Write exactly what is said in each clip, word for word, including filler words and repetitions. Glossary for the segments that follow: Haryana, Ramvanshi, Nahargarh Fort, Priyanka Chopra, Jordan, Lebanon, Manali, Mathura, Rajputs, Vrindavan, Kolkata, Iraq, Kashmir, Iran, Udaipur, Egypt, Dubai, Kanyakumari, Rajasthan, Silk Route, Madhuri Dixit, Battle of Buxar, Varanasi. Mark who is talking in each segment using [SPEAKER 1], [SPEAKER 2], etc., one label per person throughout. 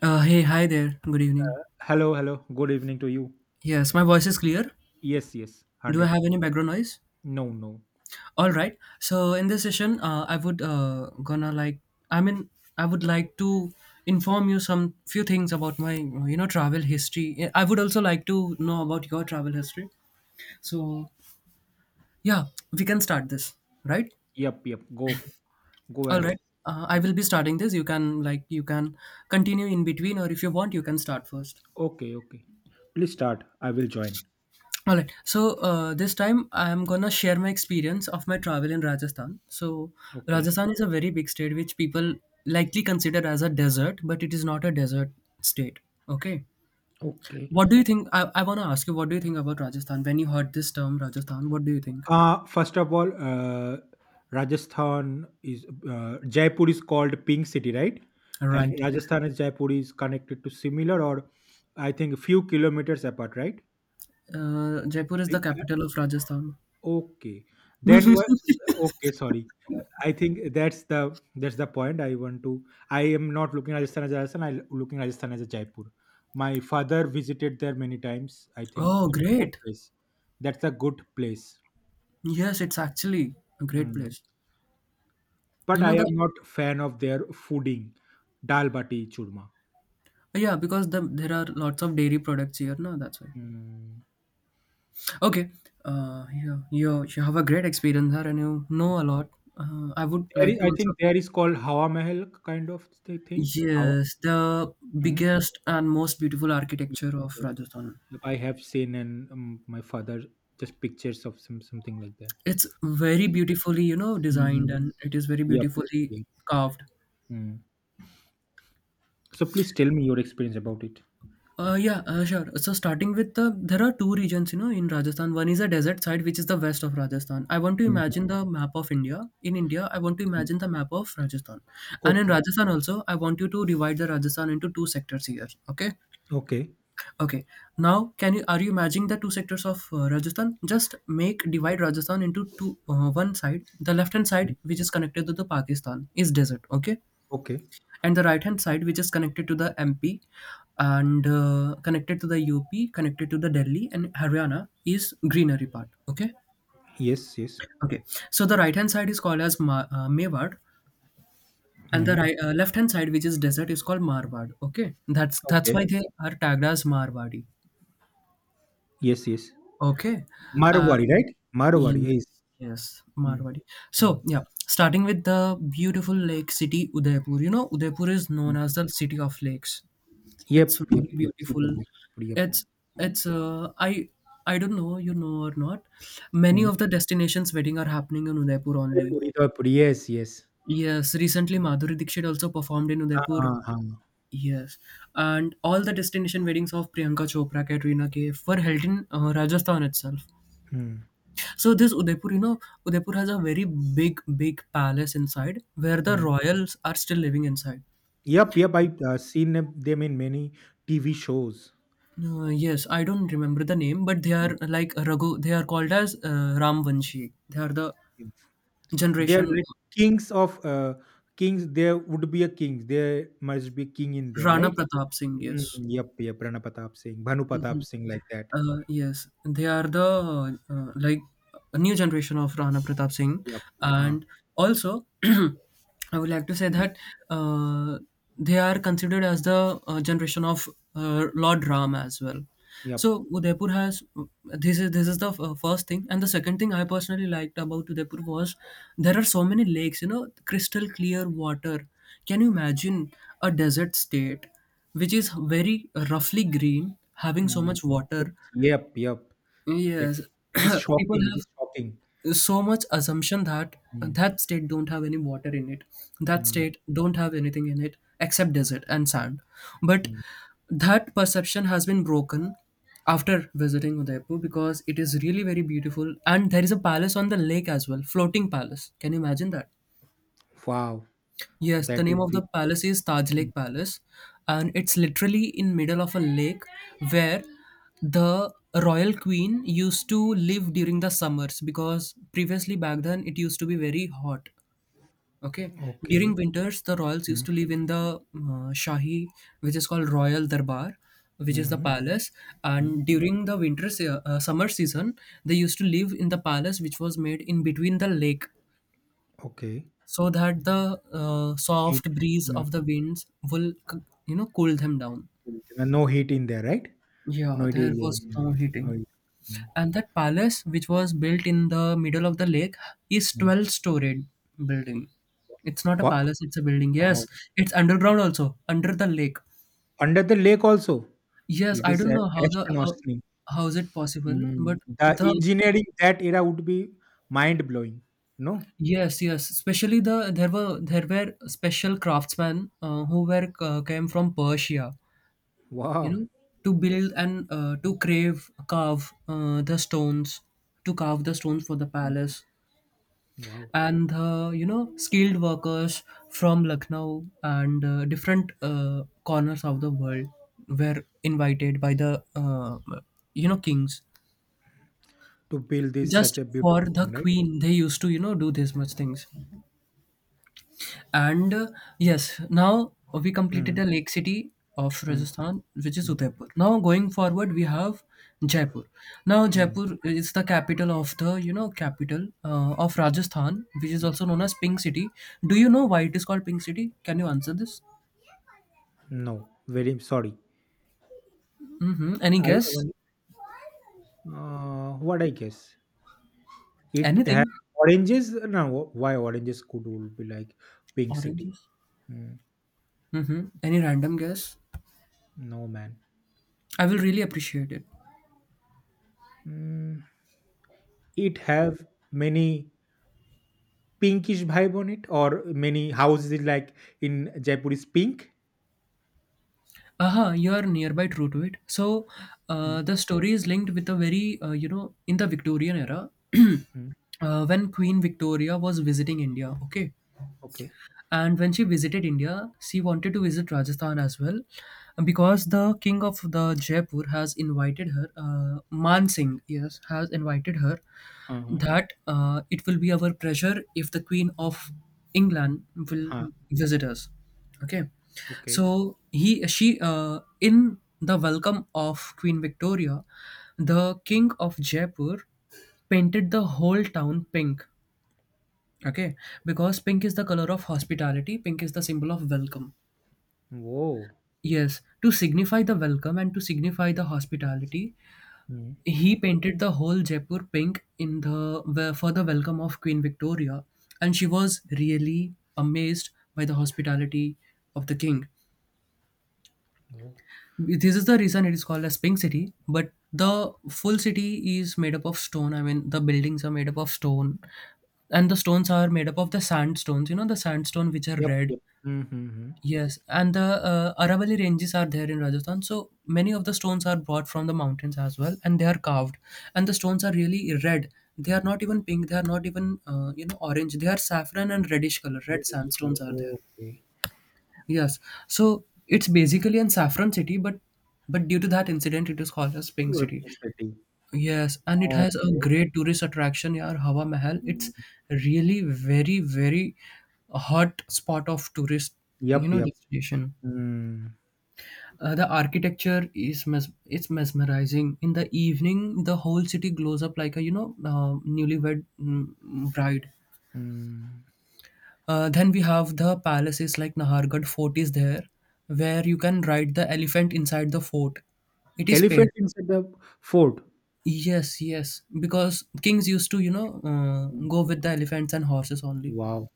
[SPEAKER 1] Uh, hey, hi there. Good evening.
[SPEAKER 2] Hello, hello. Good evening to you.
[SPEAKER 1] Yes, my voice is clear.
[SPEAKER 2] Yes, yes.
[SPEAKER 1] Do I
[SPEAKER 2] one hundred.
[SPEAKER 1] have any background noise?
[SPEAKER 2] No, no.
[SPEAKER 1] All right. So in this session, uh, I would uh, gonna like. I mean, I would like to inform you some few things about my you know travel history. I would also like to know about your travel history. So yeah, we can start this, right?
[SPEAKER 2] Yep, yep. Go. Go
[SPEAKER 1] All
[SPEAKER 2] ahead.
[SPEAKER 1] right. Uh, I will be starting this. You can like you can continue in between, or if you want, you can start first.
[SPEAKER 2] Okay, okay. Please start. I will join.
[SPEAKER 1] All right. So uh, this time I'm gonna share my experience of my travel in Rajasthan. So
[SPEAKER 2] Okay.
[SPEAKER 1] Rajasthan is a very big state which people likely consider as a desert, but it is not a desert state. Okay.
[SPEAKER 2] Okay.
[SPEAKER 1] What do you think? I, I wanna ask you, what do you think about Rajasthan? When you heard this term Rajasthan, what do you think?
[SPEAKER 2] Uh first of all, uh Rajasthan is uh, Jaipur is called Pink City, right? And
[SPEAKER 1] Right. Exactly.
[SPEAKER 2] Rajasthan and Jaipur is connected to similar, or I think few kilometers apart, right?
[SPEAKER 1] Uh, Jaipur is the capital of Rajasthan.
[SPEAKER 2] Okay. Then what? Okay, sorry. I think that's the that's the point I want to. I am not looking at Rajasthan as Rajasthan, I'm looking at Rajasthan as a Jaipur. My father visited there many times. I think
[SPEAKER 1] Oh,
[SPEAKER 2] that's a good
[SPEAKER 1] great.
[SPEAKER 2] place. That's a good place.
[SPEAKER 1] Yes, it's actually a great
[SPEAKER 2] Mm.
[SPEAKER 1] place.
[SPEAKER 2] But
[SPEAKER 1] You know
[SPEAKER 2] I
[SPEAKER 1] the
[SPEAKER 2] am not fan of their fooding, dal bati churma.
[SPEAKER 1] yeah, because the, there are lots of dairy products here, no, that's why.
[SPEAKER 2] Mm.
[SPEAKER 1] Okay. Uh, you, you, you have a great experience there and you know a lot. Uh, I would
[SPEAKER 2] There
[SPEAKER 1] like
[SPEAKER 2] is,
[SPEAKER 1] to
[SPEAKER 2] I
[SPEAKER 1] also.
[SPEAKER 2] think there is called Hawa Mahal kind of thi- thing. Hawa.
[SPEAKER 1] Yes, the
[SPEAKER 2] Mm.
[SPEAKER 1] biggest and most beautiful architecture of Rajasthan.
[SPEAKER 2] Yep, I have seen, and um, my father just pictures of some something like that.
[SPEAKER 1] It's very beautifully, you know, designed
[SPEAKER 2] Mhm.
[SPEAKER 1] and it is very
[SPEAKER 2] Yep.
[SPEAKER 1] beautifully
[SPEAKER 2] Yep.
[SPEAKER 1] carved.
[SPEAKER 2] Mm. So please tell me your experience about it.
[SPEAKER 1] Uh, yeah, uh, sure. So starting with the, there are two regions, you know, in Rajasthan. One is a desert side, which is the west of Rajasthan. I want to
[SPEAKER 2] Mhm.
[SPEAKER 1] imagine the map of India. In India, I want to imagine the map of Rajasthan. And in
[SPEAKER 2] Okay.
[SPEAKER 1] Rajasthan also, I want you to divide the Rajasthan into two sectors here. Okay?
[SPEAKER 2] Okay.
[SPEAKER 1] Okay. Now, can you, are you imagining the two sectors of uh, Rajasthan? Just make, divide Rajasthan into two, uh, one side. The left hand side,
[SPEAKER 2] Mm.
[SPEAKER 1] which is connected to the Pakistan, is desert. Okay?
[SPEAKER 2] Okay.
[SPEAKER 1] And the right hand side which is connected to the M P and uh, connected to the U P, connected to the Delhi and Haryana is greenery part. Okay,
[SPEAKER 2] Yes. Yes.
[SPEAKER 1] okay. So the right hand side is called as Ma- uh, Mewad, and the
[SPEAKER 2] Hmm.
[SPEAKER 1] right, uh, left hand side which is desert is called Marwad. Okay, that's that's why
[SPEAKER 2] Okay.
[SPEAKER 1] they are tagged as Marwadi.
[SPEAKER 2] Yes. Yes.
[SPEAKER 1] Okay,
[SPEAKER 2] Marwari,
[SPEAKER 1] and.
[SPEAKER 2] right? Marwari. Yes.
[SPEAKER 1] Yes, yes,
[SPEAKER 2] Hmm.
[SPEAKER 1] Marwari.
[SPEAKER 2] Hmm.
[SPEAKER 1] So, yeah, starting with the beautiful lake city, Udaipur. You know, Udaipur is known
[SPEAKER 2] Hmm.
[SPEAKER 1] as the city of lakes.
[SPEAKER 2] Yep.
[SPEAKER 1] It's
[SPEAKER 2] Yep.
[SPEAKER 1] really
[SPEAKER 2] Yep. City of
[SPEAKER 1] beautiful.
[SPEAKER 2] Jaipur.
[SPEAKER 1] It's
[SPEAKER 2] Yep.
[SPEAKER 1] it's uh, I I don't know you know or not. Many
[SPEAKER 2] Hmm.
[SPEAKER 1] of the destinations wedding are happening in Udaipur only.
[SPEAKER 2] Jaipur, Jaipur, yes. Yes.
[SPEAKER 1] Yes, recently Madhuri Dixit also performed in Udaipur.
[SPEAKER 2] Uh, uh,
[SPEAKER 1] Yes, and all the destination weddings of Priyanka Chopra, Katrina Kaif were held in uh, Rajasthan itself.
[SPEAKER 2] hmm.
[SPEAKER 1] So this Udaipur, you know, Udaipur has a very big, big palace inside where the
[SPEAKER 2] Hmm.
[SPEAKER 1] royals are still living inside.
[SPEAKER 2] Yep. Yep. I uh, seen them them in many T V shows.
[SPEAKER 1] Uh, yes, I don't remember the name, but they are like Raghu. They are called as uh, Ramvanshi. They are the
[SPEAKER 2] They are
[SPEAKER 1] generation
[SPEAKER 2] like kings of uh, kings. There would be a king. There must be king in there,
[SPEAKER 1] Rana
[SPEAKER 2] right?
[SPEAKER 1] Pratap Singh.
[SPEAKER 2] Mm,
[SPEAKER 1] Yes.
[SPEAKER 2] yep, yep. Rana Pratap Singh, Bhanu Pratap Singh, like that.
[SPEAKER 1] Uh, yes, they are the uh, like a new generation of Rana Pratap Singh,
[SPEAKER 2] Yep. Uh,
[SPEAKER 1] and also I would like to say that uh, they are considered as the uh, generation of uh, Lord Ram as well.
[SPEAKER 2] yep.
[SPEAKER 1] So Udaipur has this is this is the f- first thing, and the second thing I personally liked about Udaipur was there are so many lakes, you know, crystal clear water. Can you imagine a desert state which is very roughly green, having so
[SPEAKER 2] Mm.
[SPEAKER 1] much
[SPEAKER 2] So
[SPEAKER 1] water?
[SPEAKER 2] yep, yep. That
[SPEAKER 1] Yes,
[SPEAKER 2] It is
[SPEAKER 1] people
[SPEAKER 2] shocking. It is
[SPEAKER 1] have
[SPEAKER 2] shocking.
[SPEAKER 1] so much assumption that
[SPEAKER 2] Yeah.
[SPEAKER 1] that state don't have any water in it. That
[SPEAKER 2] Mm,
[SPEAKER 1] state don't have anything in it except desert and sand. But
[SPEAKER 2] mm.
[SPEAKER 1] that perception has been broken after visiting Udaipur because it is really very beautiful and there is a palace on the lake as well, floating palace. Can you imagine that?
[SPEAKER 2] Wow,
[SPEAKER 1] Yes, the
[SPEAKER 2] that
[SPEAKER 1] name
[SPEAKER 2] would
[SPEAKER 1] of the
[SPEAKER 2] be.
[SPEAKER 1] palace is Taj
[SPEAKER 2] Mm.
[SPEAKER 1] Lake Palace, and it's literally in middle of a lake where the royal queen used to live during the summers because previously back then it used to be very hot. Okay, during
[SPEAKER 2] Okay.
[SPEAKER 1] winters the royals used
[SPEAKER 2] Mm,
[SPEAKER 1] to live in the uh, Shahi, which is called Royal Darbar, which is the
[SPEAKER 2] mhm,
[SPEAKER 1] palace,
[SPEAKER 2] mm.
[SPEAKER 1] and during the winter se- uh, summer season they used to live in the palace which was made in between the lake
[SPEAKER 2] Okay,
[SPEAKER 1] so that the uh,
[SPEAKER 2] heat.
[SPEAKER 1] soft breeze
[SPEAKER 2] Mm.
[SPEAKER 1] of the winds will c- you know cool them down.
[SPEAKER 2] And no heat in there, right?
[SPEAKER 1] Yeah,
[SPEAKER 2] No heat. is-
[SPEAKER 1] there was
[SPEAKER 2] mm,
[SPEAKER 1] no heating,
[SPEAKER 2] No heat. Mm,
[SPEAKER 1] and that palace which was built in the middle of the lake is
[SPEAKER 2] mm.
[SPEAKER 1] twelve storied building. It's not a
[SPEAKER 2] Wha-
[SPEAKER 1] palace, it's a building. Yes,
[SPEAKER 2] Wow.
[SPEAKER 1] it's underground also under the lake.
[SPEAKER 2] Under the lake also?
[SPEAKER 1] Yes,
[SPEAKER 2] It
[SPEAKER 1] I
[SPEAKER 2] is
[SPEAKER 1] don't
[SPEAKER 2] a
[SPEAKER 1] know how the how
[SPEAKER 2] astonishing.
[SPEAKER 1] how is it possible, but
[SPEAKER 2] Mm. The
[SPEAKER 1] the
[SPEAKER 2] engineering that era would be mind blowing. No?
[SPEAKER 1] yes, yes, especially the there were, there were special craftsmen, uh, who were uh, came from Persia, you
[SPEAKER 2] Wow.
[SPEAKER 1] know, to build and uh, to crave carve uh, the stones to carve the stones for the
[SPEAKER 2] Mm.
[SPEAKER 1] palace,
[SPEAKER 2] Wow.
[SPEAKER 1] and uh, you know skilled workers from Lucknow and uh, different uh, corners of the world were invited by the uh, you know kings
[SPEAKER 2] To build this such
[SPEAKER 1] just
[SPEAKER 2] a
[SPEAKER 1] for
[SPEAKER 2] beautiful thing,
[SPEAKER 1] the
[SPEAKER 2] right?
[SPEAKER 1] queen. They used to you know do this much things. And uh, yes, now we completed
[SPEAKER 2] Mm,
[SPEAKER 1] the lake city of
[SPEAKER 2] mm,
[SPEAKER 1] Rajasthan, which is
[SPEAKER 2] mm,
[SPEAKER 1] Udaipur. Now going forward, we have Jaipur. Now
[SPEAKER 2] mm.
[SPEAKER 1] Jaipur is the capital of the you know capital uh, of Rajasthan, which is also known as Pink City. Do you know why it is called Pink City? Can you answer this?
[SPEAKER 2] No, very sorry.
[SPEAKER 1] Mm-hmm. Any
[SPEAKER 2] I
[SPEAKER 1] guess?
[SPEAKER 2] only, uh, what I guess it has
[SPEAKER 1] Anything?
[SPEAKER 2] oranges. No, why oranges could all be like Pink City?
[SPEAKER 1] Oranges?
[SPEAKER 2] Mm,
[SPEAKER 1] Mm-hmm. Any random guess?
[SPEAKER 2] no, man.
[SPEAKER 1] I will really appreciate it.
[SPEAKER 2] Mm, it have many pinkish vibe on it, or many houses like in Jaipur is pink?
[SPEAKER 1] Aha, you are nearby true to it. So, uh,
[SPEAKER 2] Mm,
[SPEAKER 1] the story is linked with a very, uh, you know, in the Victorian era,
[SPEAKER 2] mm.
[SPEAKER 1] uh, when Queen Victoria was visiting India, okay?
[SPEAKER 2] Okay.
[SPEAKER 1] And when she visited India, she wanted to visit Rajasthan as well because the king of the Jaipur has invited her, uh, Man Singh, yes, has invited her
[SPEAKER 2] Uh-huh.
[SPEAKER 1] that uh, it will be our pleasure if the queen of England will
[SPEAKER 2] Uh,
[SPEAKER 1] visit us. Okay.
[SPEAKER 2] okay.
[SPEAKER 1] So he she uh, in the welcome of Queen Victoria, the king of Jaipur painted the whole town pink. Okay, because pink is the color of hospitality, pink is the symbol of welcome.
[SPEAKER 2] Whoa.
[SPEAKER 1] Yes, to signify the welcome and to signify the hospitality,
[SPEAKER 2] Mm.
[SPEAKER 1] he painted the whole Jaipur pink in the where- for the welcome of Queen Victoria, and she was really amazed by the hospitality of the king.
[SPEAKER 2] Yeah.
[SPEAKER 1] This is the reason it is called as Pink City, but the full city is made up of stone. I mean, the buildings are made up of stone, and the stones are made up of the sandstones, you know, the sandstone which are
[SPEAKER 2] Yep.
[SPEAKER 1] red.
[SPEAKER 2] Yep. Mm-hmm.
[SPEAKER 1] Yes, and the uh, Aravalli ranges are there in Rajasthan. So many of the stones are brought from the mountains as well, and they are carved. And the stones are really red. They are not even pink. They are not even uh, you know orange. They are saffron and reddish color. Red
[SPEAKER 2] British. Right.
[SPEAKER 1] sandstones are there.
[SPEAKER 2] Okay.
[SPEAKER 1] Yes, so it's basically an saffron city, but but due to that incident, it is called as Pink
[SPEAKER 2] Or
[SPEAKER 1] City.
[SPEAKER 2] pink city.
[SPEAKER 1] Yes, and it has a
[SPEAKER 2] Okay.
[SPEAKER 1] great tourist attraction. Yeah, Hawa Mahal.
[SPEAKER 2] Mm.
[SPEAKER 1] It's really very very hot spot of tourist you
[SPEAKER 2] Yep.
[SPEAKER 1] know
[SPEAKER 2] Yep.
[SPEAKER 1] destination.
[SPEAKER 2] Mm.
[SPEAKER 1] Uh, the architecture is mes- It's mesmerizing. In the evening, the whole city glows up like a you know uh, newlywed mm, bride.
[SPEAKER 2] Mm.
[SPEAKER 1] Uh, then we have the palaces like Nahargarh Fort is there, where you can ride the elephant inside the fort. It is paid.
[SPEAKER 2] Elephant inside the fort.
[SPEAKER 1] Yes, yes, because kings used to you know uh,
[SPEAKER 2] Mm.
[SPEAKER 1] go with the elephants and horses only.
[SPEAKER 2] Wow.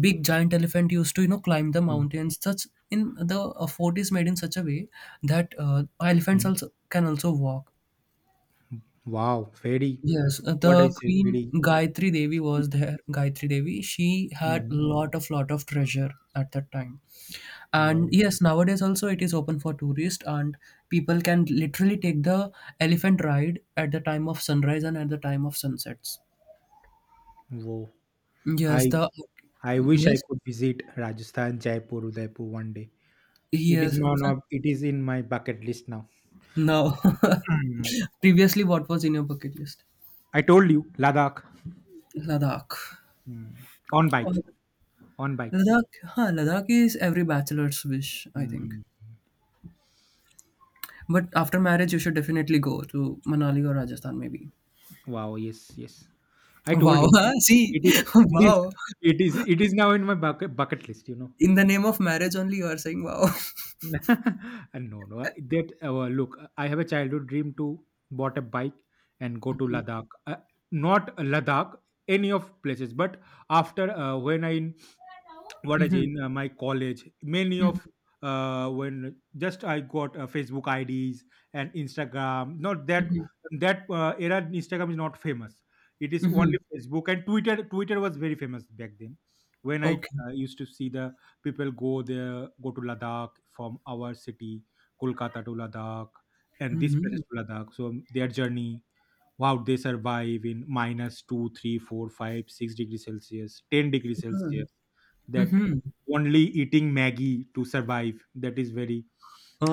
[SPEAKER 1] Big giant elephant used to you know climb the
[SPEAKER 2] Mm.
[SPEAKER 1] mountains. Such in the uh, fort is made in such a way that uh, elephants
[SPEAKER 2] Mm.
[SPEAKER 1] also can also walk.
[SPEAKER 2] Wow. Very.
[SPEAKER 1] Yes, uh,
[SPEAKER 2] What I
[SPEAKER 1] the
[SPEAKER 2] say.
[SPEAKER 1] Queen
[SPEAKER 2] Very.
[SPEAKER 1] Gayatri Devi was there. Gayatri Devi, she had
[SPEAKER 2] Mm.
[SPEAKER 1] lot of lot of treasure at that time. And
[SPEAKER 2] Wow.
[SPEAKER 1] yes, nowadays also it is open for tourists, and people can literally take the elephant ride at the time of sunrise and at the time of sunsets.
[SPEAKER 2] Wow.
[SPEAKER 1] Yes,
[SPEAKER 2] I
[SPEAKER 1] the
[SPEAKER 2] I wish I
[SPEAKER 1] yes,
[SPEAKER 2] could visit Rajasthan, Jaipur, Udaipur one day. It is
[SPEAKER 1] yes, in
[SPEAKER 2] no,
[SPEAKER 1] fact,
[SPEAKER 2] no, it is in my bucket list now.
[SPEAKER 1] no.
[SPEAKER 2] Hmm.
[SPEAKER 1] Previously, what was in your bucket list?
[SPEAKER 2] I told you, Ladakh.
[SPEAKER 1] Ladakh.
[SPEAKER 2] Hmm. On
[SPEAKER 1] Or-
[SPEAKER 2] bike, on bike.
[SPEAKER 1] Ladakh, huh, Ladakh is every bachelor's wish, I think.
[SPEAKER 2] Hmm.
[SPEAKER 1] But after marriage, you should definitely go to Manali or Rajasthan, maybe.
[SPEAKER 2] Wow, yes, yes. I told
[SPEAKER 1] Wow!
[SPEAKER 2] you,
[SPEAKER 1] Huh? See,
[SPEAKER 2] it is, it is,
[SPEAKER 1] wow!
[SPEAKER 2] it is, it is now in my bucket bucket list. You know.
[SPEAKER 1] In the name of marriage only, you are saying wow.
[SPEAKER 2] And no, no. That uh, look, I have a childhood dream to bought a bike and go to Ladakh. Uh, not Ladakh, any of places, but after uh, when I, what is
[SPEAKER 1] hmm.
[SPEAKER 2] in uh, my college, many of
[SPEAKER 1] Hmm.
[SPEAKER 2] uh, when just I got uh, Facebook ids and Instagram, not that. That uh, era Instagram is not famous, it is
[SPEAKER 1] Hmm.
[SPEAKER 2] only Facebook and twitter twitter was very famous back then. When I
[SPEAKER 1] Okay.
[SPEAKER 2] uh, used to see the people go there, go to Ladakh, from our city, Kolkata to Ladakh, and this
[SPEAKER 1] Hmm.
[SPEAKER 2] places to Ladakh, so their journey, wow, they survive in minus minus two, three, four, five, six degrees celsius, ten degrees celsius, that
[SPEAKER 1] Hmm.
[SPEAKER 2] only eating Maggie to survive, that is very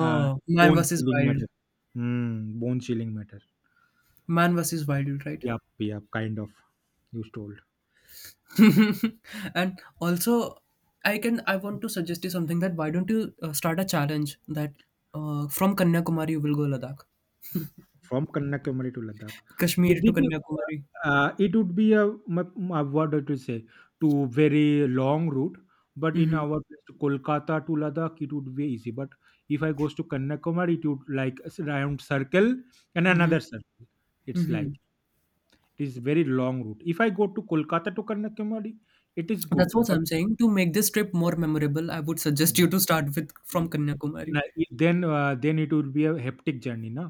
[SPEAKER 2] uh,
[SPEAKER 1] man
[SPEAKER 2] bone
[SPEAKER 1] versus
[SPEAKER 2] chilling
[SPEAKER 1] wild.
[SPEAKER 2] matter. Mm, bone chilling matter.
[SPEAKER 1] Man versus wild, right?
[SPEAKER 2] Yep yep, kind of, you told.
[SPEAKER 1] and also, I can. I want to suggest you something, that why don't you uh, start a challenge that uh, from Kanyakumari you will go Ladakh,
[SPEAKER 2] From Kanyakumari to Ladakh. The-
[SPEAKER 1] Kashmir to
[SPEAKER 2] Did
[SPEAKER 1] Kanyakumari.
[SPEAKER 2] uh, it would be a, m- a what to say, to very long route, but in
[SPEAKER 1] Mm-hmm,
[SPEAKER 2] our place to Kolkata to Ladakh, it would be easy. But if I goes to Kanyakumari, it would like s- round circle and
[SPEAKER 1] mm-hmm,
[SPEAKER 2] another circle. It's like
[SPEAKER 1] mm-hmm.
[SPEAKER 2] it is very long route. If I go to Kolkata to Kanyakumari, it is good,
[SPEAKER 1] That's what
[SPEAKER 2] but.
[SPEAKER 1] I'm saying. To make this trip more memorable, I would suggest you to start with from
[SPEAKER 2] Mm.
[SPEAKER 1] Kanyakumari.
[SPEAKER 2] Na- i- then uh, then it will be a hectic journey, na.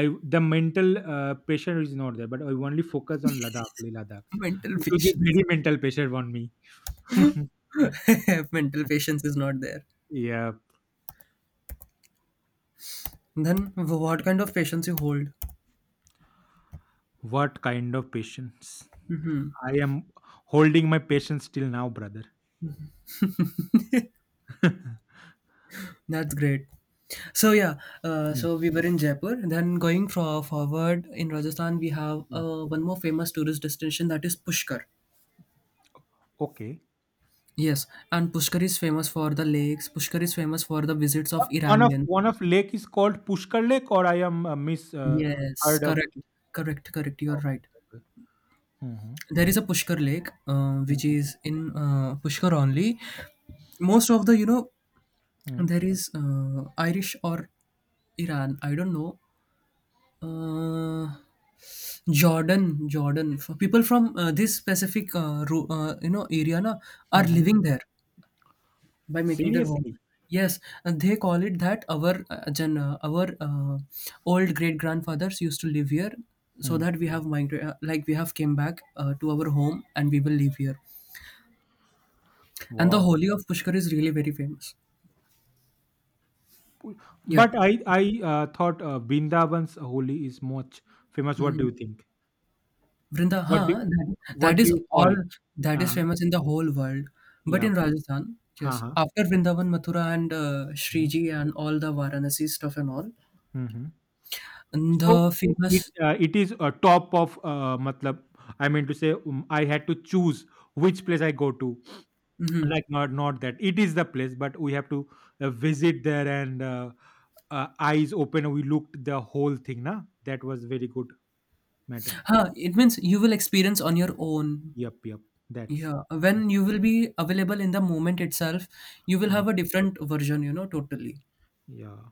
[SPEAKER 2] I, the mental uh, pressure is not there, but I only focus on Ladakh, Leh Ladakh.
[SPEAKER 1] Mental
[SPEAKER 2] It will be
[SPEAKER 1] patience.
[SPEAKER 2] very mental pressure on me.
[SPEAKER 1] mental patience is not there.
[SPEAKER 2] Yeah,
[SPEAKER 1] Then what kind of patience you hold?
[SPEAKER 2] what kind of patience. I am holding my patience till now, brother.
[SPEAKER 1] That's great. So yeah, uh,
[SPEAKER 2] Mm,
[SPEAKER 1] so we were in Jaipur. Then going fro- forward in Rajasthan, we have
[SPEAKER 2] mm.
[SPEAKER 1] uh, one more famous tourist destination, that is Pushkar.
[SPEAKER 2] Okay.
[SPEAKER 1] Yes, and Pushkar is famous for the lakes. Pushkar is famous for the visits
[SPEAKER 2] Uh,
[SPEAKER 1] of
[SPEAKER 2] one of
[SPEAKER 1] Iranian.
[SPEAKER 2] one of lake is called Pushkar lake, or I am uh, miss uh,
[SPEAKER 1] Yes,
[SPEAKER 2] heard of.
[SPEAKER 1] correct, correct, correct. You're
[SPEAKER 2] Okay.
[SPEAKER 1] right.
[SPEAKER 2] Okay. Mhm,
[SPEAKER 1] There is a Pushkar lake, uh, which
[SPEAKER 2] mhm,
[SPEAKER 1] is in uh, Pushkar only. Most of the, you know,
[SPEAKER 2] mhm,
[SPEAKER 1] there is uh, Irish or Iran, I don't know, uh, jordan jordan For people from, uh, this specific uh, ru- uh, you know, area na, are
[SPEAKER 2] mhm.
[SPEAKER 1] living there by making their home.
[SPEAKER 2] Seriously.
[SPEAKER 1] Yes, and they call it that our uh, gen, uh, our uh, old great grandfathers used to live here, so
[SPEAKER 2] Hmm.
[SPEAKER 1] that we have migrated, like we have came back uh, to our home and we will live here. And the
[SPEAKER 2] Wow.
[SPEAKER 1] Holi of Pushkar is really very famous. Yeah.
[SPEAKER 2] But I I uh, thought uh, Vrindavan's holy is much famous. What do
[SPEAKER 1] Mhm.
[SPEAKER 2] you think?
[SPEAKER 1] Vrinda,
[SPEAKER 2] What do
[SPEAKER 1] huh? That, that
[SPEAKER 2] what do
[SPEAKER 1] is
[SPEAKER 2] you call
[SPEAKER 1] all,
[SPEAKER 2] it?
[SPEAKER 1] that is
[SPEAKER 2] uh
[SPEAKER 1] famous in the whole world. But
[SPEAKER 2] Yeah.
[SPEAKER 1] in Rajasthan, yes.
[SPEAKER 2] Uh-huh.
[SPEAKER 1] After Vrindavan, Mathura, and uh,
[SPEAKER 2] Mm-hmm.
[SPEAKER 1] Sriji, and all the Varanasi stuff and all,
[SPEAKER 2] Mm-hmm.
[SPEAKER 1] and
[SPEAKER 2] So
[SPEAKER 1] the
[SPEAKER 2] it
[SPEAKER 1] famous.
[SPEAKER 2] uh, it is a top of uh, matlab. I mean to say, um, I had to choose which place I go to.
[SPEAKER 1] Mm-hmm.
[SPEAKER 2] Like not not that it is the place, but we have to uh, visit there and uh, uh, eyes open. We looked the whole thing. Na, that was very good matter.
[SPEAKER 1] Huh, it means you will experience on your own.
[SPEAKER 2] Yep. Yep. That's.
[SPEAKER 1] Yeah. When you will be available in the moment itself, you will
[SPEAKER 2] Uh,
[SPEAKER 1] have a different version, you know, totally.
[SPEAKER 2] yeah.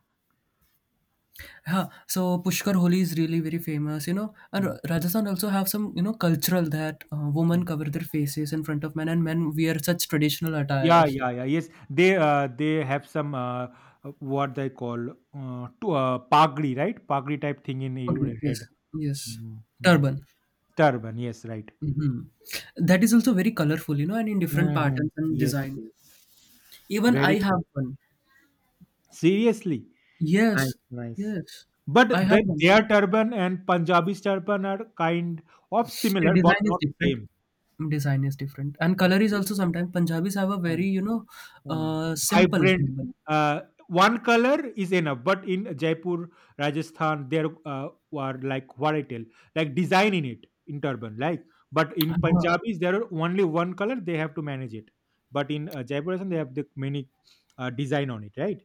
[SPEAKER 1] Yeah, so Pushkar Holi is really very famous, you know. And
[SPEAKER 2] Mm-hmm.
[SPEAKER 1] Ra- Rajasthan also have some, you know, cultural that uh, women cover their faces in front of men, and men wear such traditional
[SPEAKER 2] Yeah,
[SPEAKER 1] attires.
[SPEAKER 2] yeah, yeah. Yes, they uh, they have some uh, uh, what they call uh, to, uh, pagri, right? Pagri type thing in your
[SPEAKER 1] Pagdi,
[SPEAKER 2] head.
[SPEAKER 1] yes, yes,
[SPEAKER 2] Mhm.
[SPEAKER 1] turban.
[SPEAKER 2] Turban. Yes, right.
[SPEAKER 1] Hmm. That is also very colorful, you know, and in different
[SPEAKER 2] Mhm.
[SPEAKER 1] patterns and
[SPEAKER 2] Yes,
[SPEAKER 1] designs.
[SPEAKER 2] yes.
[SPEAKER 1] Even I
[SPEAKER 2] Very cool.
[SPEAKER 1] have one.
[SPEAKER 2] Seriously, nice,
[SPEAKER 1] Yes,
[SPEAKER 2] nice.
[SPEAKER 1] yes,
[SPEAKER 2] But
[SPEAKER 1] I have
[SPEAKER 2] the,
[SPEAKER 1] one.
[SPEAKER 2] their turban and Punjabi's turban are kind of
[SPEAKER 1] The
[SPEAKER 2] similar, but
[SPEAKER 1] design is
[SPEAKER 2] not
[SPEAKER 1] different.
[SPEAKER 2] same.
[SPEAKER 1] Design is different, and color is also sometimes Punjabis have a very, you know,
[SPEAKER 2] Uh,
[SPEAKER 1] uh, simple
[SPEAKER 2] Vibrant.
[SPEAKER 1] turban.
[SPEAKER 2] Uh, One color is enough, but in Jaipur, Rajasthan, there uh, were like what I tell, like design in it, in turban, like. But in Punjabis, there are only one color; they have to manage it. But in uh, Jaipur, Rajasthan, they have the many uh, design on it, right?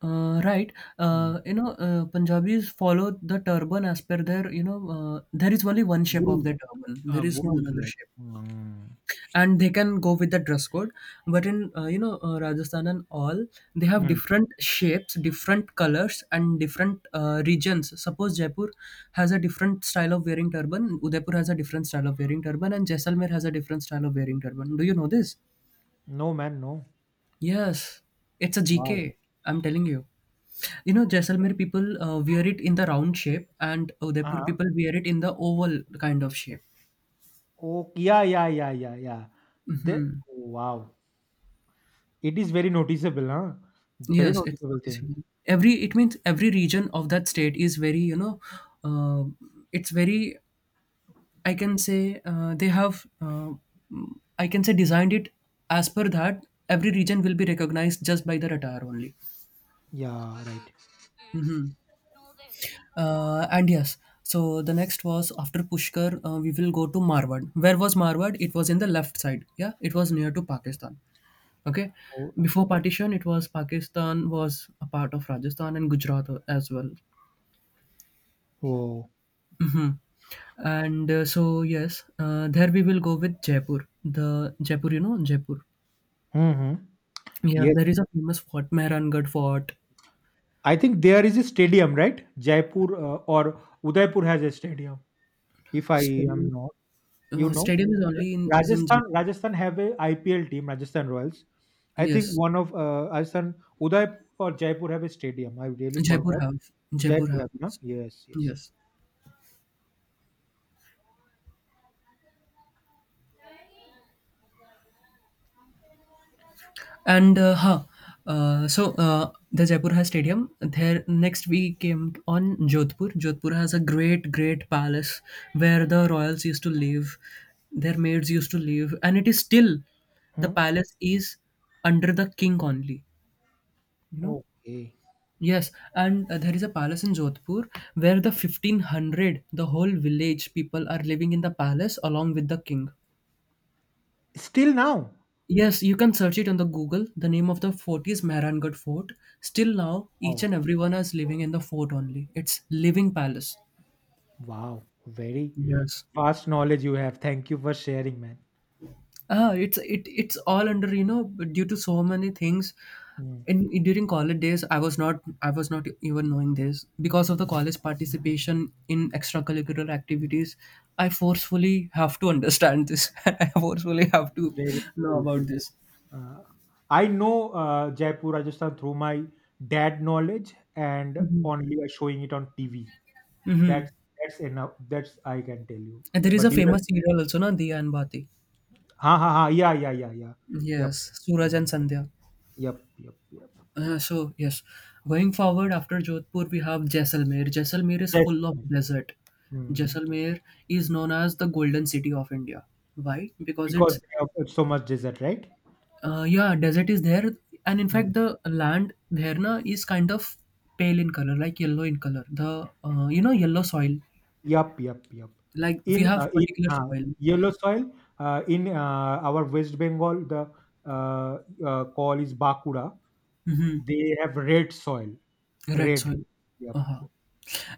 [SPEAKER 1] Uh, right.
[SPEAKER 2] Mm.
[SPEAKER 1] Uh, you know, uh, Punjabis follow the turban as per their, you know, uh, there is only one shape of
[SPEAKER 2] Gurus,
[SPEAKER 1] the turban.
[SPEAKER 2] uh,
[SPEAKER 1] There is no
[SPEAKER 2] gurus,
[SPEAKER 1] another
[SPEAKER 2] like.
[SPEAKER 1] shape.
[SPEAKER 2] Mm.
[SPEAKER 1] And they can go with the dress code. But in, uh, you know, uh, Rajasthan and all, they have
[SPEAKER 2] Mm.
[SPEAKER 1] different shapes, different colors, and different uh, regions. Suppose Jaipur has a different style of wearing turban, Udaipur has a different style of wearing turban, and Jaisalmer has a different style of wearing turban. Do you know this?
[SPEAKER 2] No, man, no.
[SPEAKER 1] Yes, it's a G
[SPEAKER 2] Wow.
[SPEAKER 1] am telling you. You know, Jaisalmer people uh, wear it in the round shape, and Udaipur
[SPEAKER 2] Uh-huh.
[SPEAKER 1] people wear it in the oval kind of shape.
[SPEAKER 2] Oh, yeah, yeah, yeah, yeah, yeah. The, wow. It is very noticeable, huh? Very
[SPEAKER 1] Yes, it's
[SPEAKER 2] noticeable thing.
[SPEAKER 1] noticeable. Every, it means every region of that state is very, you know, uh, it's very, I can say uh, they have uh, I can say designed it as per that every region will be recognized just by the attire only.
[SPEAKER 2] Yeah, right.
[SPEAKER 1] Uh, and yes, so the next was after Pushkar, uh, we will go to Marwad. Where was Marwad? It was in the left side. Yeah, it was near to Pakistan. Okay,
[SPEAKER 2] Oh,
[SPEAKER 1] before partition, it was Pakistan was a part of Rajasthan and Gujarat as well.
[SPEAKER 2] oh.
[SPEAKER 1] Hmm. And uh, so yes, uh, there we will go with Jaipur. The Jaipur, you know, Jaipur.
[SPEAKER 2] Hmm.
[SPEAKER 1] Yeah,
[SPEAKER 2] Yes.
[SPEAKER 1] there is a famous fort, Mehrangarh Fort.
[SPEAKER 2] I think there is a stadium, right? Jaipur uh, or Udaipur has a stadium. If I am
[SPEAKER 1] Stadium,
[SPEAKER 2] not, you
[SPEAKER 1] uh,
[SPEAKER 2] know,
[SPEAKER 1] stadium is only in, is in Jaipur.
[SPEAKER 2] Rajasthan. Rajasthan have a I P L team, Rajasthan Royals. I think
[SPEAKER 1] Yes,
[SPEAKER 2] one of uh, Rajasthan, Udaipur or Jaipur have a stadium. I really
[SPEAKER 1] Jaipur
[SPEAKER 2] forgot.
[SPEAKER 1] have. Jaipur
[SPEAKER 2] Jaipur have,
[SPEAKER 1] have.
[SPEAKER 2] no? Yes, yes.
[SPEAKER 1] Yes. And uh, huh. Uh, so uh, the Jaipur High Stadium. There next we came on Jodhpur. Jodhpur has a great, great palace where the royals used to live, their maids used to live, and it is still the
[SPEAKER 2] Hmm.
[SPEAKER 1] palace is under the king only. You know.
[SPEAKER 2] Okay.
[SPEAKER 1] Yes, and uh, there is a palace in Jodhpur where the fifteen hundred, the whole village people are living in the palace along with the king.
[SPEAKER 2] Still now.
[SPEAKER 1] Yes, you can search it on the Google. The name of the fort is Mehrangarh Fort. Still now, each
[SPEAKER 2] Oh,
[SPEAKER 1] and everyone is living in the fort only. It's living palace.
[SPEAKER 2] wow. Very
[SPEAKER 1] Yes.
[SPEAKER 2] vast knowledge you have. Thank you for sharing, man.
[SPEAKER 1] Ah, it's it it's all under, you know, due to so many things.
[SPEAKER 2] Hmm.
[SPEAKER 1] In during college days, I was not I was not even knowing this. Because of the college participation in extracurricular activities, I forcefully have to understand this. I forcefully have to
[SPEAKER 2] Very,
[SPEAKER 1] know
[SPEAKER 2] very.
[SPEAKER 1] about this.
[SPEAKER 2] Uh, I know uh, Jaipur, Rajasthan through my dad knowledge and only by showing it on T V.
[SPEAKER 1] Mm-hmm.
[SPEAKER 2] That's that's enough. That's I can tell you.
[SPEAKER 1] And there is a
[SPEAKER 2] But you,
[SPEAKER 1] famous serial also, na, Diya and Bati.
[SPEAKER 2] ha ha ha, yeah yeah yeah yeah, yep.
[SPEAKER 1] Yes, Suraj and
[SPEAKER 2] Mm,
[SPEAKER 1] Sandhya.
[SPEAKER 2] yep yep yep.
[SPEAKER 1] Uh, so yes, going forward after Jodhpur we have Jaisalmer. Jaisalmer is
[SPEAKER 2] Yes.
[SPEAKER 1] full of desert.
[SPEAKER 2] Hmm.
[SPEAKER 1] Jaisalmer is known as the Golden City of India. Why? Because
[SPEAKER 2] Because
[SPEAKER 1] it's
[SPEAKER 2] they have uh, so much desert, right?
[SPEAKER 1] uh, yeah, desert is there, and in
[SPEAKER 2] Hmm.
[SPEAKER 1] fact the land there na is kind of pale in color, like yellow in color. The uh, you know, yellow soil,
[SPEAKER 2] Yep yep yep.
[SPEAKER 1] like we
[SPEAKER 2] In uh,
[SPEAKER 1] have
[SPEAKER 2] in
[SPEAKER 1] particular
[SPEAKER 2] uh,
[SPEAKER 1] soil.
[SPEAKER 2] yellow soil, uh, in uh, our West Bengal, the uh, uh, call is Bakura.
[SPEAKER 1] Hmm.
[SPEAKER 2] They have red soil.
[SPEAKER 1] Red
[SPEAKER 2] Red.
[SPEAKER 1] soil.
[SPEAKER 2] Yep.
[SPEAKER 1] Uh-huh.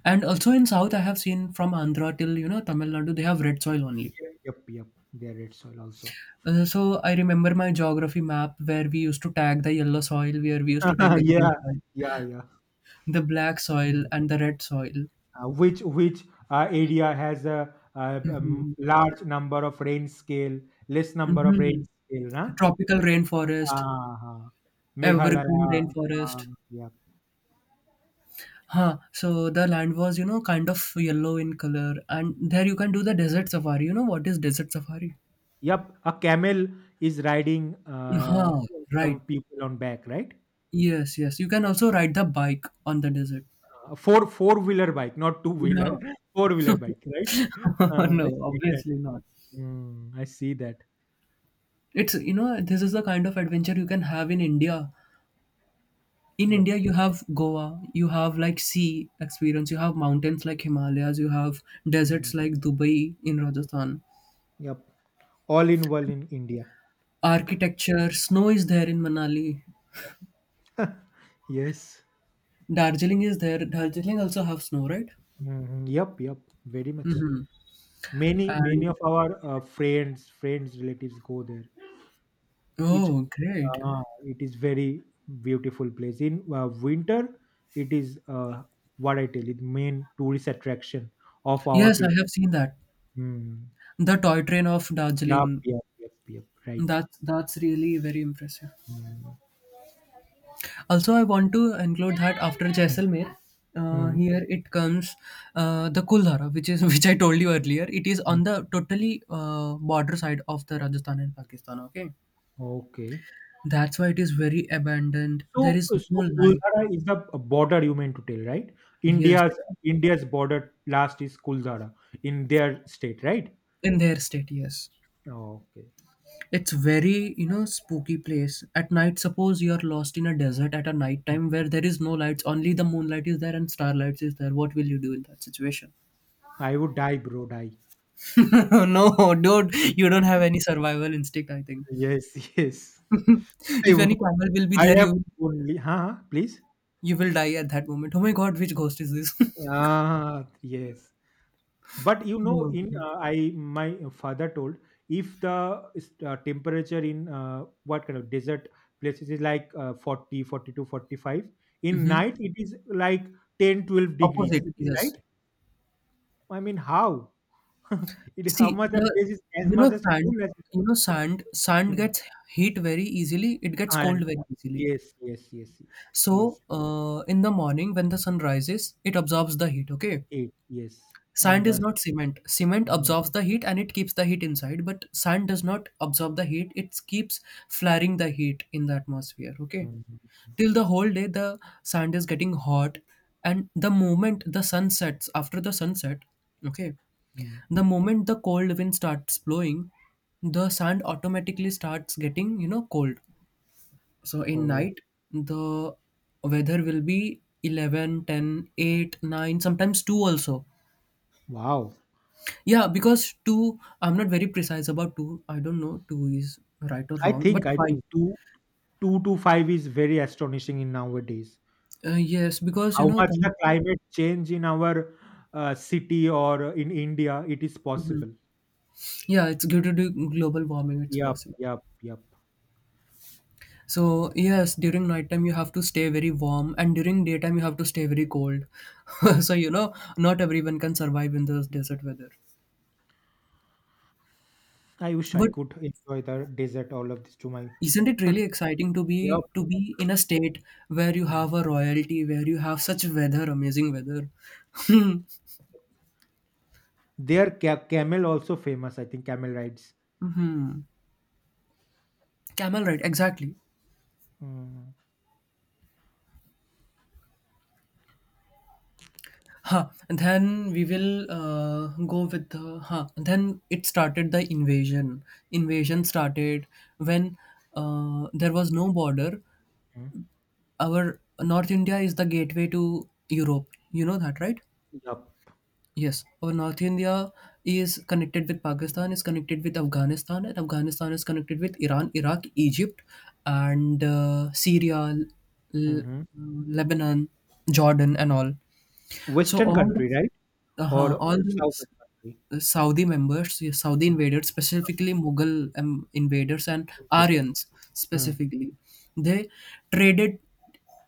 [SPEAKER 1] And also in South, I have seen from Andhra till, you know, Tamil Nadu, they have red soil only.
[SPEAKER 2] Yep. Yep. Yep. They are red soil also.
[SPEAKER 1] Uh, so I remember my geography map where we used to tag the yellow soil, where we used to tag the green
[SPEAKER 2] Yeah.
[SPEAKER 1] soil,
[SPEAKER 2] Yeah. Yeah.
[SPEAKER 1] the black soil,
[SPEAKER 2] Mm.
[SPEAKER 1] and the red soil.
[SPEAKER 2] Uh, which which uh, area has a, uh
[SPEAKER 1] Hmm.
[SPEAKER 2] um, large number of rain scale, less number of
[SPEAKER 1] Hmm.
[SPEAKER 2] rain scale, huh?
[SPEAKER 1] Tropical rainforest,
[SPEAKER 2] Uh-huh.
[SPEAKER 1] evergreen
[SPEAKER 2] Meghalaya. Uh,
[SPEAKER 1] rainforest.
[SPEAKER 2] yep.
[SPEAKER 1] Huh. So the land was, you know, kind of yellow in color, and there you can do the desert safari. You know what is desert safari?
[SPEAKER 2] Yep. A camel is riding uh,
[SPEAKER 1] Huh.
[SPEAKER 2] some
[SPEAKER 1] Right.
[SPEAKER 2] people on back, right?
[SPEAKER 1] Yes. Yes. You can also ride the bike on the desert.
[SPEAKER 2] Uh, four four wheeler bike, not two wheeler.
[SPEAKER 1] No.
[SPEAKER 2] Four wheeler bike, right? Uh,
[SPEAKER 1] No.
[SPEAKER 2] I see that.
[SPEAKER 1] Obviously not.
[SPEAKER 2] Mm, I see that.
[SPEAKER 1] It's, you know, this is the kind of adventure you can have in India. In
[SPEAKER 2] Yep.
[SPEAKER 1] India, you have Goa, you have like sea experience, you have mountains like Himalayas, you have
[SPEAKER 2] Mm.
[SPEAKER 1] deserts like Dubai in Rajasthan.
[SPEAKER 2] Yep. All in one in India.
[SPEAKER 1] Architecture, snow is there in Manali.
[SPEAKER 2] Yes.
[SPEAKER 1] Darjeeling is there. Darjeeling also have snow, right?
[SPEAKER 2] Mhm. Yep, yep, very much.
[SPEAKER 1] Mhm.
[SPEAKER 2] Many, many
[SPEAKER 1] And
[SPEAKER 2] of our uh, friends, friends, relatives go there. It,
[SPEAKER 1] oh, great!
[SPEAKER 2] uh, it is very beautiful place. In uh, winter, it is uh, what I tell you, the main tourist attraction of our
[SPEAKER 1] Yes, I
[SPEAKER 2] people.
[SPEAKER 1] have seen that.
[SPEAKER 2] Mm.
[SPEAKER 1] The toy train of
[SPEAKER 2] Yep,
[SPEAKER 1] Darjeeling.
[SPEAKER 2] yep, yep, yep. Right.
[SPEAKER 1] That's that's really very impressive.
[SPEAKER 2] Mm.
[SPEAKER 1] Also, I want to include that after Jaisalmer, uh,
[SPEAKER 2] Mm,
[SPEAKER 1] here it comes uh, the Kuldhara, which is which I told you earlier. It is
[SPEAKER 2] mm.
[SPEAKER 1] on the totally uh, border side of the Rajasthan and Pakistan. Okay,
[SPEAKER 2] Okay.
[SPEAKER 1] that's why it is very abandoned. There
[SPEAKER 2] So,
[SPEAKER 1] is
[SPEAKER 2] uh,
[SPEAKER 1] no
[SPEAKER 2] so
[SPEAKER 1] light.
[SPEAKER 2] Kuldhara is the border you meant to tell, right?
[SPEAKER 1] Yes,
[SPEAKER 2] India's India's border last is Kuldhara in their state, right?
[SPEAKER 1] in their state. Yes,
[SPEAKER 2] Okay.
[SPEAKER 1] it's very, you know, spooky place at night. Suppose you are lost in a desert at a night time where there is no lights, only the moonlight is there and starlights is there. What will you do in that situation?
[SPEAKER 2] I would die, bro, die.
[SPEAKER 1] No, dude, you don't have any survival instinct, I think.
[SPEAKER 2] Yes, yes. I,
[SPEAKER 1] If
[SPEAKER 2] wo-
[SPEAKER 1] any camel will be
[SPEAKER 2] I
[SPEAKER 1] there,
[SPEAKER 2] have
[SPEAKER 1] you
[SPEAKER 2] only, huh? Huh, please.
[SPEAKER 1] you will die at that moment. Oh my god, which ghost is this?
[SPEAKER 2] Ah, yes. But you know
[SPEAKER 1] Oh,
[SPEAKER 2] in
[SPEAKER 1] god.
[SPEAKER 2] uh, I my father told, if the is- uh, temperature in uh, what kind of desert places is like uh, forty forty-two, forty-five, in
[SPEAKER 1] Hmm.
[SPEAKER 2] night it is like ten, twelve 12 degrees,
[SPEAKER 1] Opposite,
[SPEAKER 2] it is
[SPEAKER 1] yes.
[SPEAKER 2] right. I mean, how it, how
[SPEAKER 1] See
[SPEAKER 2] much the
[SPEAKER 1] the,
[SPEAKER 2] place is as
[SPEAKER 1] you know,
[SPEAKER 2] much as
[SPEAKER 1] sand,
[SPEAKER 2] cool as it
[SPEAKER 1] you
[SPEAKER 2] ought.
[SPEAKER 1] know, sand. Sand
[SPEAKER 2] Mm.
[SPEAKER 1] gets heat very easily. It gets cold
[SPEAKER 2] And uh,
[SPEAKER 1] very easily.
[SPEAKER 2] yes yes yes yes
[SPEAKER 1] So
[SPEAKER 2] yes,
[SPEAKER 1] uh, in the morning when the sun rises, it absorbs the heat. Okay,
[SPEAKER 2] eight, yes. And
[SPEAKER 1] sand is
[SPEAKER 2] the
[SPEAKER 1] not cement. Cement
[SPEAKER 2] mm,
[SPEAKER 1] absorbs the heat and it keeps the heat inside, but sand does not absorb the heat. It keeps flaring the heat in the atmosphere. Okay.
[SPEAKER 2] mm,
[SPEAKER 1] Till the whole day, the sand is getting hot, and the moment the sun sets, after the sunset, okay,
[SPEAKER 2] mm.
[SPEAKER 1] the moment the cold wind starts blowing, the sand automatically starts getting, you know, cold. So in
[SPEAKER 2] Oh
[SPEAKER 1] night, the weather will be eleven, ten, eight, nine, sometimes two also.
[SPEAKER 2] wow.
[SPEAKER 1] Yeah, because two, I'm not very precise about two. I don't know two is right or
[SPEAKER 2] i
[SPEAKER 1] wrong,
[SPEAKER 2] think
[SPEAKER 1] but
[SPEAKER 2] i
[SPEAKER 1] five.
[SPEAKER 2] think two 2 to five is very astonishing in nowadays.
[SPEAKER 1] Uh, yes, because you
[SPEAKER 2] How
[SPEAKER 1] know,
[SPEAKER 2] much
[SPEAKER 1] the-
[SPEAKER 2] the climate change in our uh, city or in India, it is
[SPEAKER 1] Mhm.
[SPEAKER 2] possible.
[SPEAKER 1] Yeah, it's due to the global warming, it's
[SPEAKER 2] Yep
[SPEAKER 1] possible.
[SPEAKER 2] yep yep.
[SPEAKER 1] So, yes, during nighttime, you have to stay very warm, and during daytime, you have to stay very cold. So, you know, not everyone can survive in this desert weather.
[SPEAKER 2] I wish I
[SPEAKER 1] But
[SPEAKER 2] could enjoy the desert, all of this, to my.
[SPEAKER 1] isn't it really exciting to
[SPEAKER 2] Yep.
[SPEAKER 1] be to be in a state where you
[SPEAKER 2] Mm.
[SPEAKER 1] have a royalty, where you have such weather, amazing weather?
[SPEAKER 2] Their ca- camel also famous, I think. Camel rides.
[SPEAKER 1] Hmm. Camel ride, exactly.
[SPEAKER 2] Mm
[SPEAKER 1] Huh. Then we will uh, go with the. Huh. Then it started the invasion. Invasion started when uh, there was no border.
[SPEAKER 2] mm. Yep.
[SPEAKER 1] Our North India is the gateway to Europe. You know that, right?
[SPEAKER 2] Hmm. Yup.
[SPEAKER 1] Yes. Our North India is connected with Pakistan, is connected with Afghanistan, and Afghanistan is connected with Iran, Iraq, Egypt, and uh, Syria, L-
[SPEAKER 2] Mm-hmm.
[SPEAKER 1] Lebanon, Jordan, and all. So
[SPEAKER 2] Western
[SPEAKER 1] all the,
[SPEAKER 2] country, right? Or
[SPEAKER 1] uh, all
[SPEAKER 2] uh, southern country.
[SPEAKER 1] the Saudi members, yeah, Saudi invaders, specifically Mughal um, invaders and Aryans
[SPEAKER 2] Mm.
[SPEAKER 1] specifically, they traded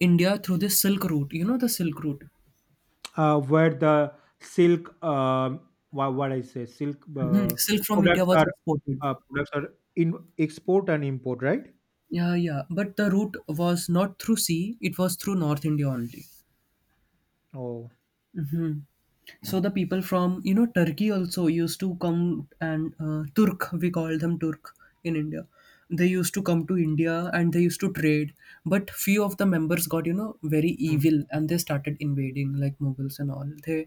[SPEAKER 1] India through the Silk Route. You know the Silk Route.
[SPEAKER 2] uh, Where the silk, um, wha- what I say, silk
[SPEAKER 1] Mhm.
[SPEAKER 2] uh,
[SPEAKER 1] Silk from India
[SPEAKER 2] products
[SPEAKER 1] was
[SPEAKER 2] are
[SPEAKER 1] exported.
[SPEAKER 2] uh, products are in export and import, right?
[SPEAKER 1] Yeah, yeah. But the route was not through sea; it was through North India only.
[SPEAKER 2] Oh,
[SPEAKER 1] Hmm. So the people from, you know, Turkey also used to come, and uh, Turk, we call them Turk in India. They used to come to India and they used to trade, but few of the members got, you know, very
[SPEAKER 2] mm.
[SPEAKER 1] evil and they started invading, like Mughals and all. They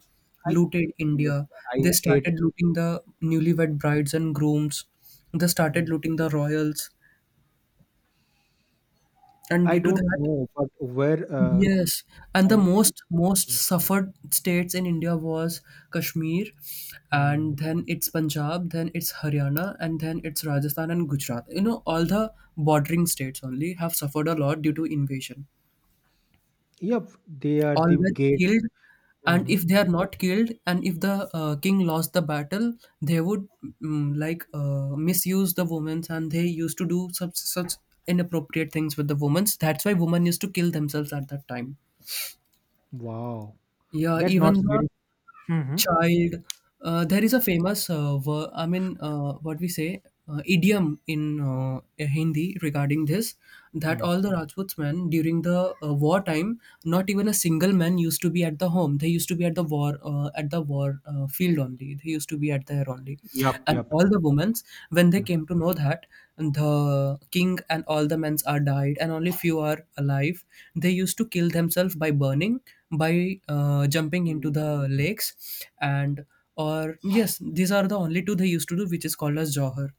[SPEAKER 2] I
[SPEAKER 1] looted
[SPEAKER 2] Yes,
[SPEAKER 1] India.
[SPEAKER 2] I
[SPEAKER 1] They
[SPEAKER 2] hate.
[SPEAKER 1] started looting the newlywed brides and grooms. They started
[SPEAKER 2] Mm.
[SPEAKER 1] looting the royals, and
[SPEAKER 2] I
[SPEAKER 1] due to
[SPEAKER 2] don't
[SPEAKER 1] that,
[SPEAKER 2] know, but where uh,
[SPEAKER 1] yes, and the
[SPEAKER 2] I
[SPEAKER 1] most most suffered states in India was Kashmir, and
[SPEAKER 2] mm.
[SPEAKER 1] then it's Punjab, then it's Haryana, and then it's Rajasthan and Gujarat. You know, all the bordering states only have suffered a lot due to invasion.
[SPEAKER 2] Yep, they are
[SPEAKER 1] All
[SPEAKER 2] the
[SPEAKER 1] were
[SPEAKER 2] gates.
[SPEAKER 1] killed, and
[SPEAKER 2] Hmm.
[SPEAKER 1] if they are not killed, and if the uh, king lost the battle, they would mm, like uh, misuse the women, and they used to do such such inappropriate things with the women. That's why women used to kill themselves at that time.
[SPEAKER 2] Wow,
[SPEAKER 1] Yeah,
[SPEAKER 2] that not
[SPEAKER 1] even the
[SPEAKER 2] very. Mm-hmm.
[SPEAKER 1] child. Uh, there is a famous, uh, ver- I mean, uh, what we say, uh, idiom in uh, Hindi regarding this
[SPEAKER 2] Hmm.
[SPEAKER 1] that
[SPEAKER 2] Mm.
[SPEAKER 1] all the Rajputs men during the uh, war time, not even a single man used to be at the home. They used to be at the war, uh, at the war uh, field only. They used to be at their only.
[SPEAKER 2] Yep,
[SPEAKER 1] And
[SPEAKER 2] yep.
[SPEAKER 1] all the women's, when they
[SPEAKER 2] Mm.
[SPEAKER 1] came to know that the king and all the men's are died and only few are alive, they used to kill themselves by burning, by uh, jumping into
[SPEAKER 2] Mm.
[SPEAKER 1] the lakes, and or yes, these are the only two they used to do, which is called as Johar.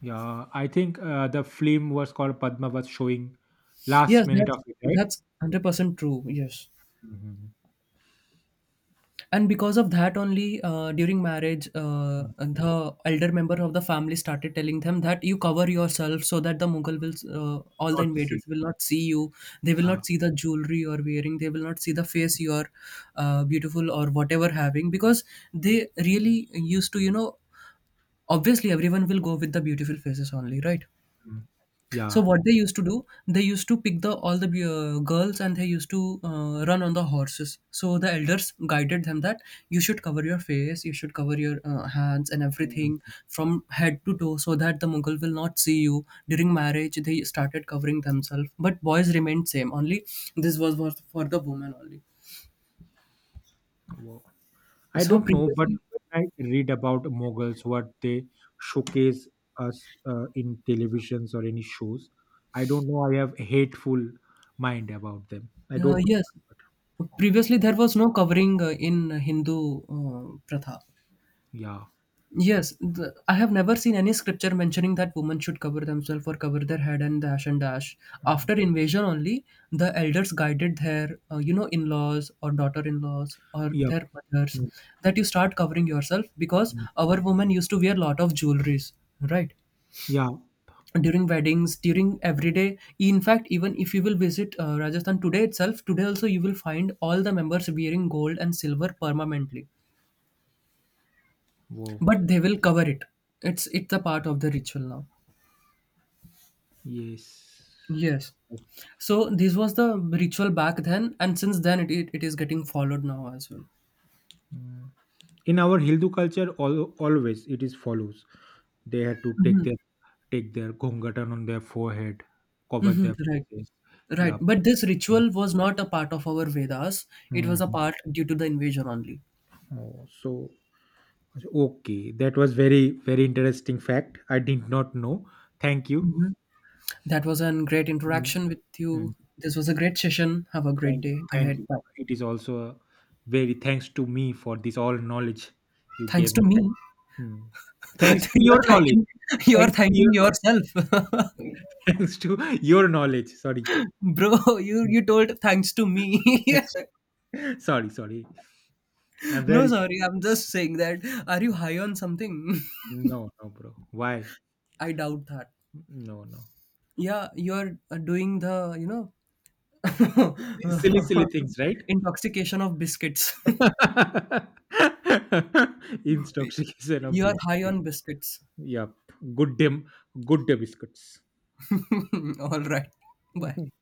[SPEAKER 2] Yeah, I think uh, the film was called Padma was showing last
[SPEAKER 1] Yes,
[SPEAKER 2] minute
[SPEAKER 1] that's
[SPEAKER 2] of it, right?
[SPEAKER 1] that's one hundred percent true. Yes,
[SPEAKER 2] Mhm.
[SPEAKER 1] and because of that only uh, during marriage uh,
[SPEAKER 2] Mm,
[SPEAKER 1] the elder member of the family started telling them that you cover yourself so that the Mughal will uh, all the
[SPEAKER 2] not
[SPEAKER 1] invaders
[SPEAKER 2] sick.
[SPEAKER 1] will not see you, they will
[SPEAKER 2] Yeah.
[SPEAKER 1] not see the jewelry you're wearing, they will not see the face you're uh, beautiful or whatever having, because they really used to, you know, obviously everyone will go with the beautiful faces only, right?
[SPEAKER 2] Mm,
[SPEAKER 1] So
[SPEAKER 2] yeah.
[SPEAKER 1] what they used to do, they used to pick the all the uh, girls, and they used to uh, run on the horses. So the elders guided them that you should cover your face, you should cover your uh, hands and
[SPEAKER 2] Yeah.
[SPEAKER 1] everything
[SPEAKER 2] Mm,
[SPEAKER 1] from head to toe, so that the Mughal will not see you. During marriage, they started covering themselves, but boys remained same. Only this was was for the women only.
[SPEAKER 2] wo- I
[SPEAKER 1] So
[SPEAKER 2] don't know, but
[SPEAKER 1] previously,
[SPEAKER 2] when I read about Mughals, what they showcase us uh, in televisions or any shows, I don't know. I have a hateful mind about them. I
[SPEAKER 1] uh,
[SPEAKER 2] don't know.
[SPEAKER 1] yes,
[SPEAKER 2] But
[SPEAKER 1] previously there was no covering uh, in Hindu uh, pratha.
[SPEAKER 2] yeah.
[SPEAKER 1] Yes, the, I have never seen any scripture mentioning that women should cover themselves or cover their head and dash and dash. After
[SPEAKER 2] Mm.
[SPEAKER 1] invasion only, the elders guided their, uh, you know, in-laws or daughter-in-laws or
[SPEAKER 2] Yeah.
[SPEAKER 1] their mothers,
[SPEAKER 2] Mm,
[SPEAKER 1] that you start covering yourself because
[SPEAKER 2] mm.
[SPEAKER 1] our women used to wear lot of jewelries, right?
[SPEAKER 2] Yeah.
[SPEAKER 1] During weddings, during everyday. In fact, even if you will visit uh, Rajasthan today itself, today also you will find all the members wearing gold and silver permanently,
[SPEAKER 2] Wow.
[SPEAKER 1] but they will cover it. It's it's a part of the ritual now.
[SPEAKER 2] Yes.
[SPEAKER 1] Yes. So this was the ritual back then, and since then it, it, it is getting followed now as well.
[SPEAKER 2] Mm. In our Hindu culture, al- always it is follows. They had to take their take their ghongatan on their forehead, cover
[SPEAKER 1] Hmm,
[SPEAKER 2] their
[SPEAKER 1] right.
[SPEAKER 2] faces.
[SPEAKER 1] Right.
[SPEAKER 2] Yep.
[SPEAKER 1] But this ritual was not a part of our Vedas. It was a
[SPEAKER 2] Mhm.
[SPEAKER 1] part due to the invasion only.
[SPEAKER 2] Oh, so okay, that was very very interesting fact. I did not know. Thank you.
[SPEAKER 1] Mhm. That was a great
[SPEAKER 2] Mm.
[SPEAKER 1] interaction with
[SPEAKER 2] Mm.
[SPEAKER 1] you. This was a great session. Have a
[SPEAKER 2] Thank
[SPEAKER 1] great
[SPEAKER 2] you.
[SPEAKER 1] day
[SPEAKER 2] Thank
[SPEAKER 1] ahead.
[SPEAKER 2] you.
[SPEAKER 1] Bye.
[SPEAKER 2] It is also a very thanks to me for this all knowledge you
[SPEAKER 1] Thanks
[SPEAKER 2] gave
[SPEAKER 1] to
[SPEAKER 2] me.
[SPEAKER 1] me.
[SPEAKER 2] Mm. Thanks to
[SPEAKER 1] You're
[SPEAKER 2] your knowledge.
[SPEAKER 1] thanking, you're
[SPEAKER 2] Thanks to
[SPEAKER 1] thanking
[SPEAKER 2] your knowledge.
[SPEAKER 1] yourself.
[SPEAKER 2] Thanks to your knowledge. Sorry.
[SPEAKER 1] Bro, you
[SPEAKER 2] Mm.
[SPEAKER 1] you told thanks to me.
[SPEAKER 2] Thanks. Sorry, sorry. I'm
[SPEAKER 1] No,
[SPEAKER 2] very sorry.
[SPEAKER 1] sorry, I'm just saying that. Are you high on something?
[SPEAKER 2] No, no, bro. Why?
[SPEAKER 1] I doubt that.
[SPEAKER 2] No, no.
[SPEAKER 1] Yeah, you're uh, doing the, you know,
[SPEAKER 2] Si Silly, silly things, right?
[SPEAKER 1] intoxication of biscuits.
[SPEAKER 2] Intoxication of
[SPEAKER 1] You are high
[SPEAKER 2] biscuit.
[SPEAKER 1] on biscuits.
[SPEAKER 2] Yeah, Good dem, good day biscuits.
[SPEAKER 1] All right. Bye.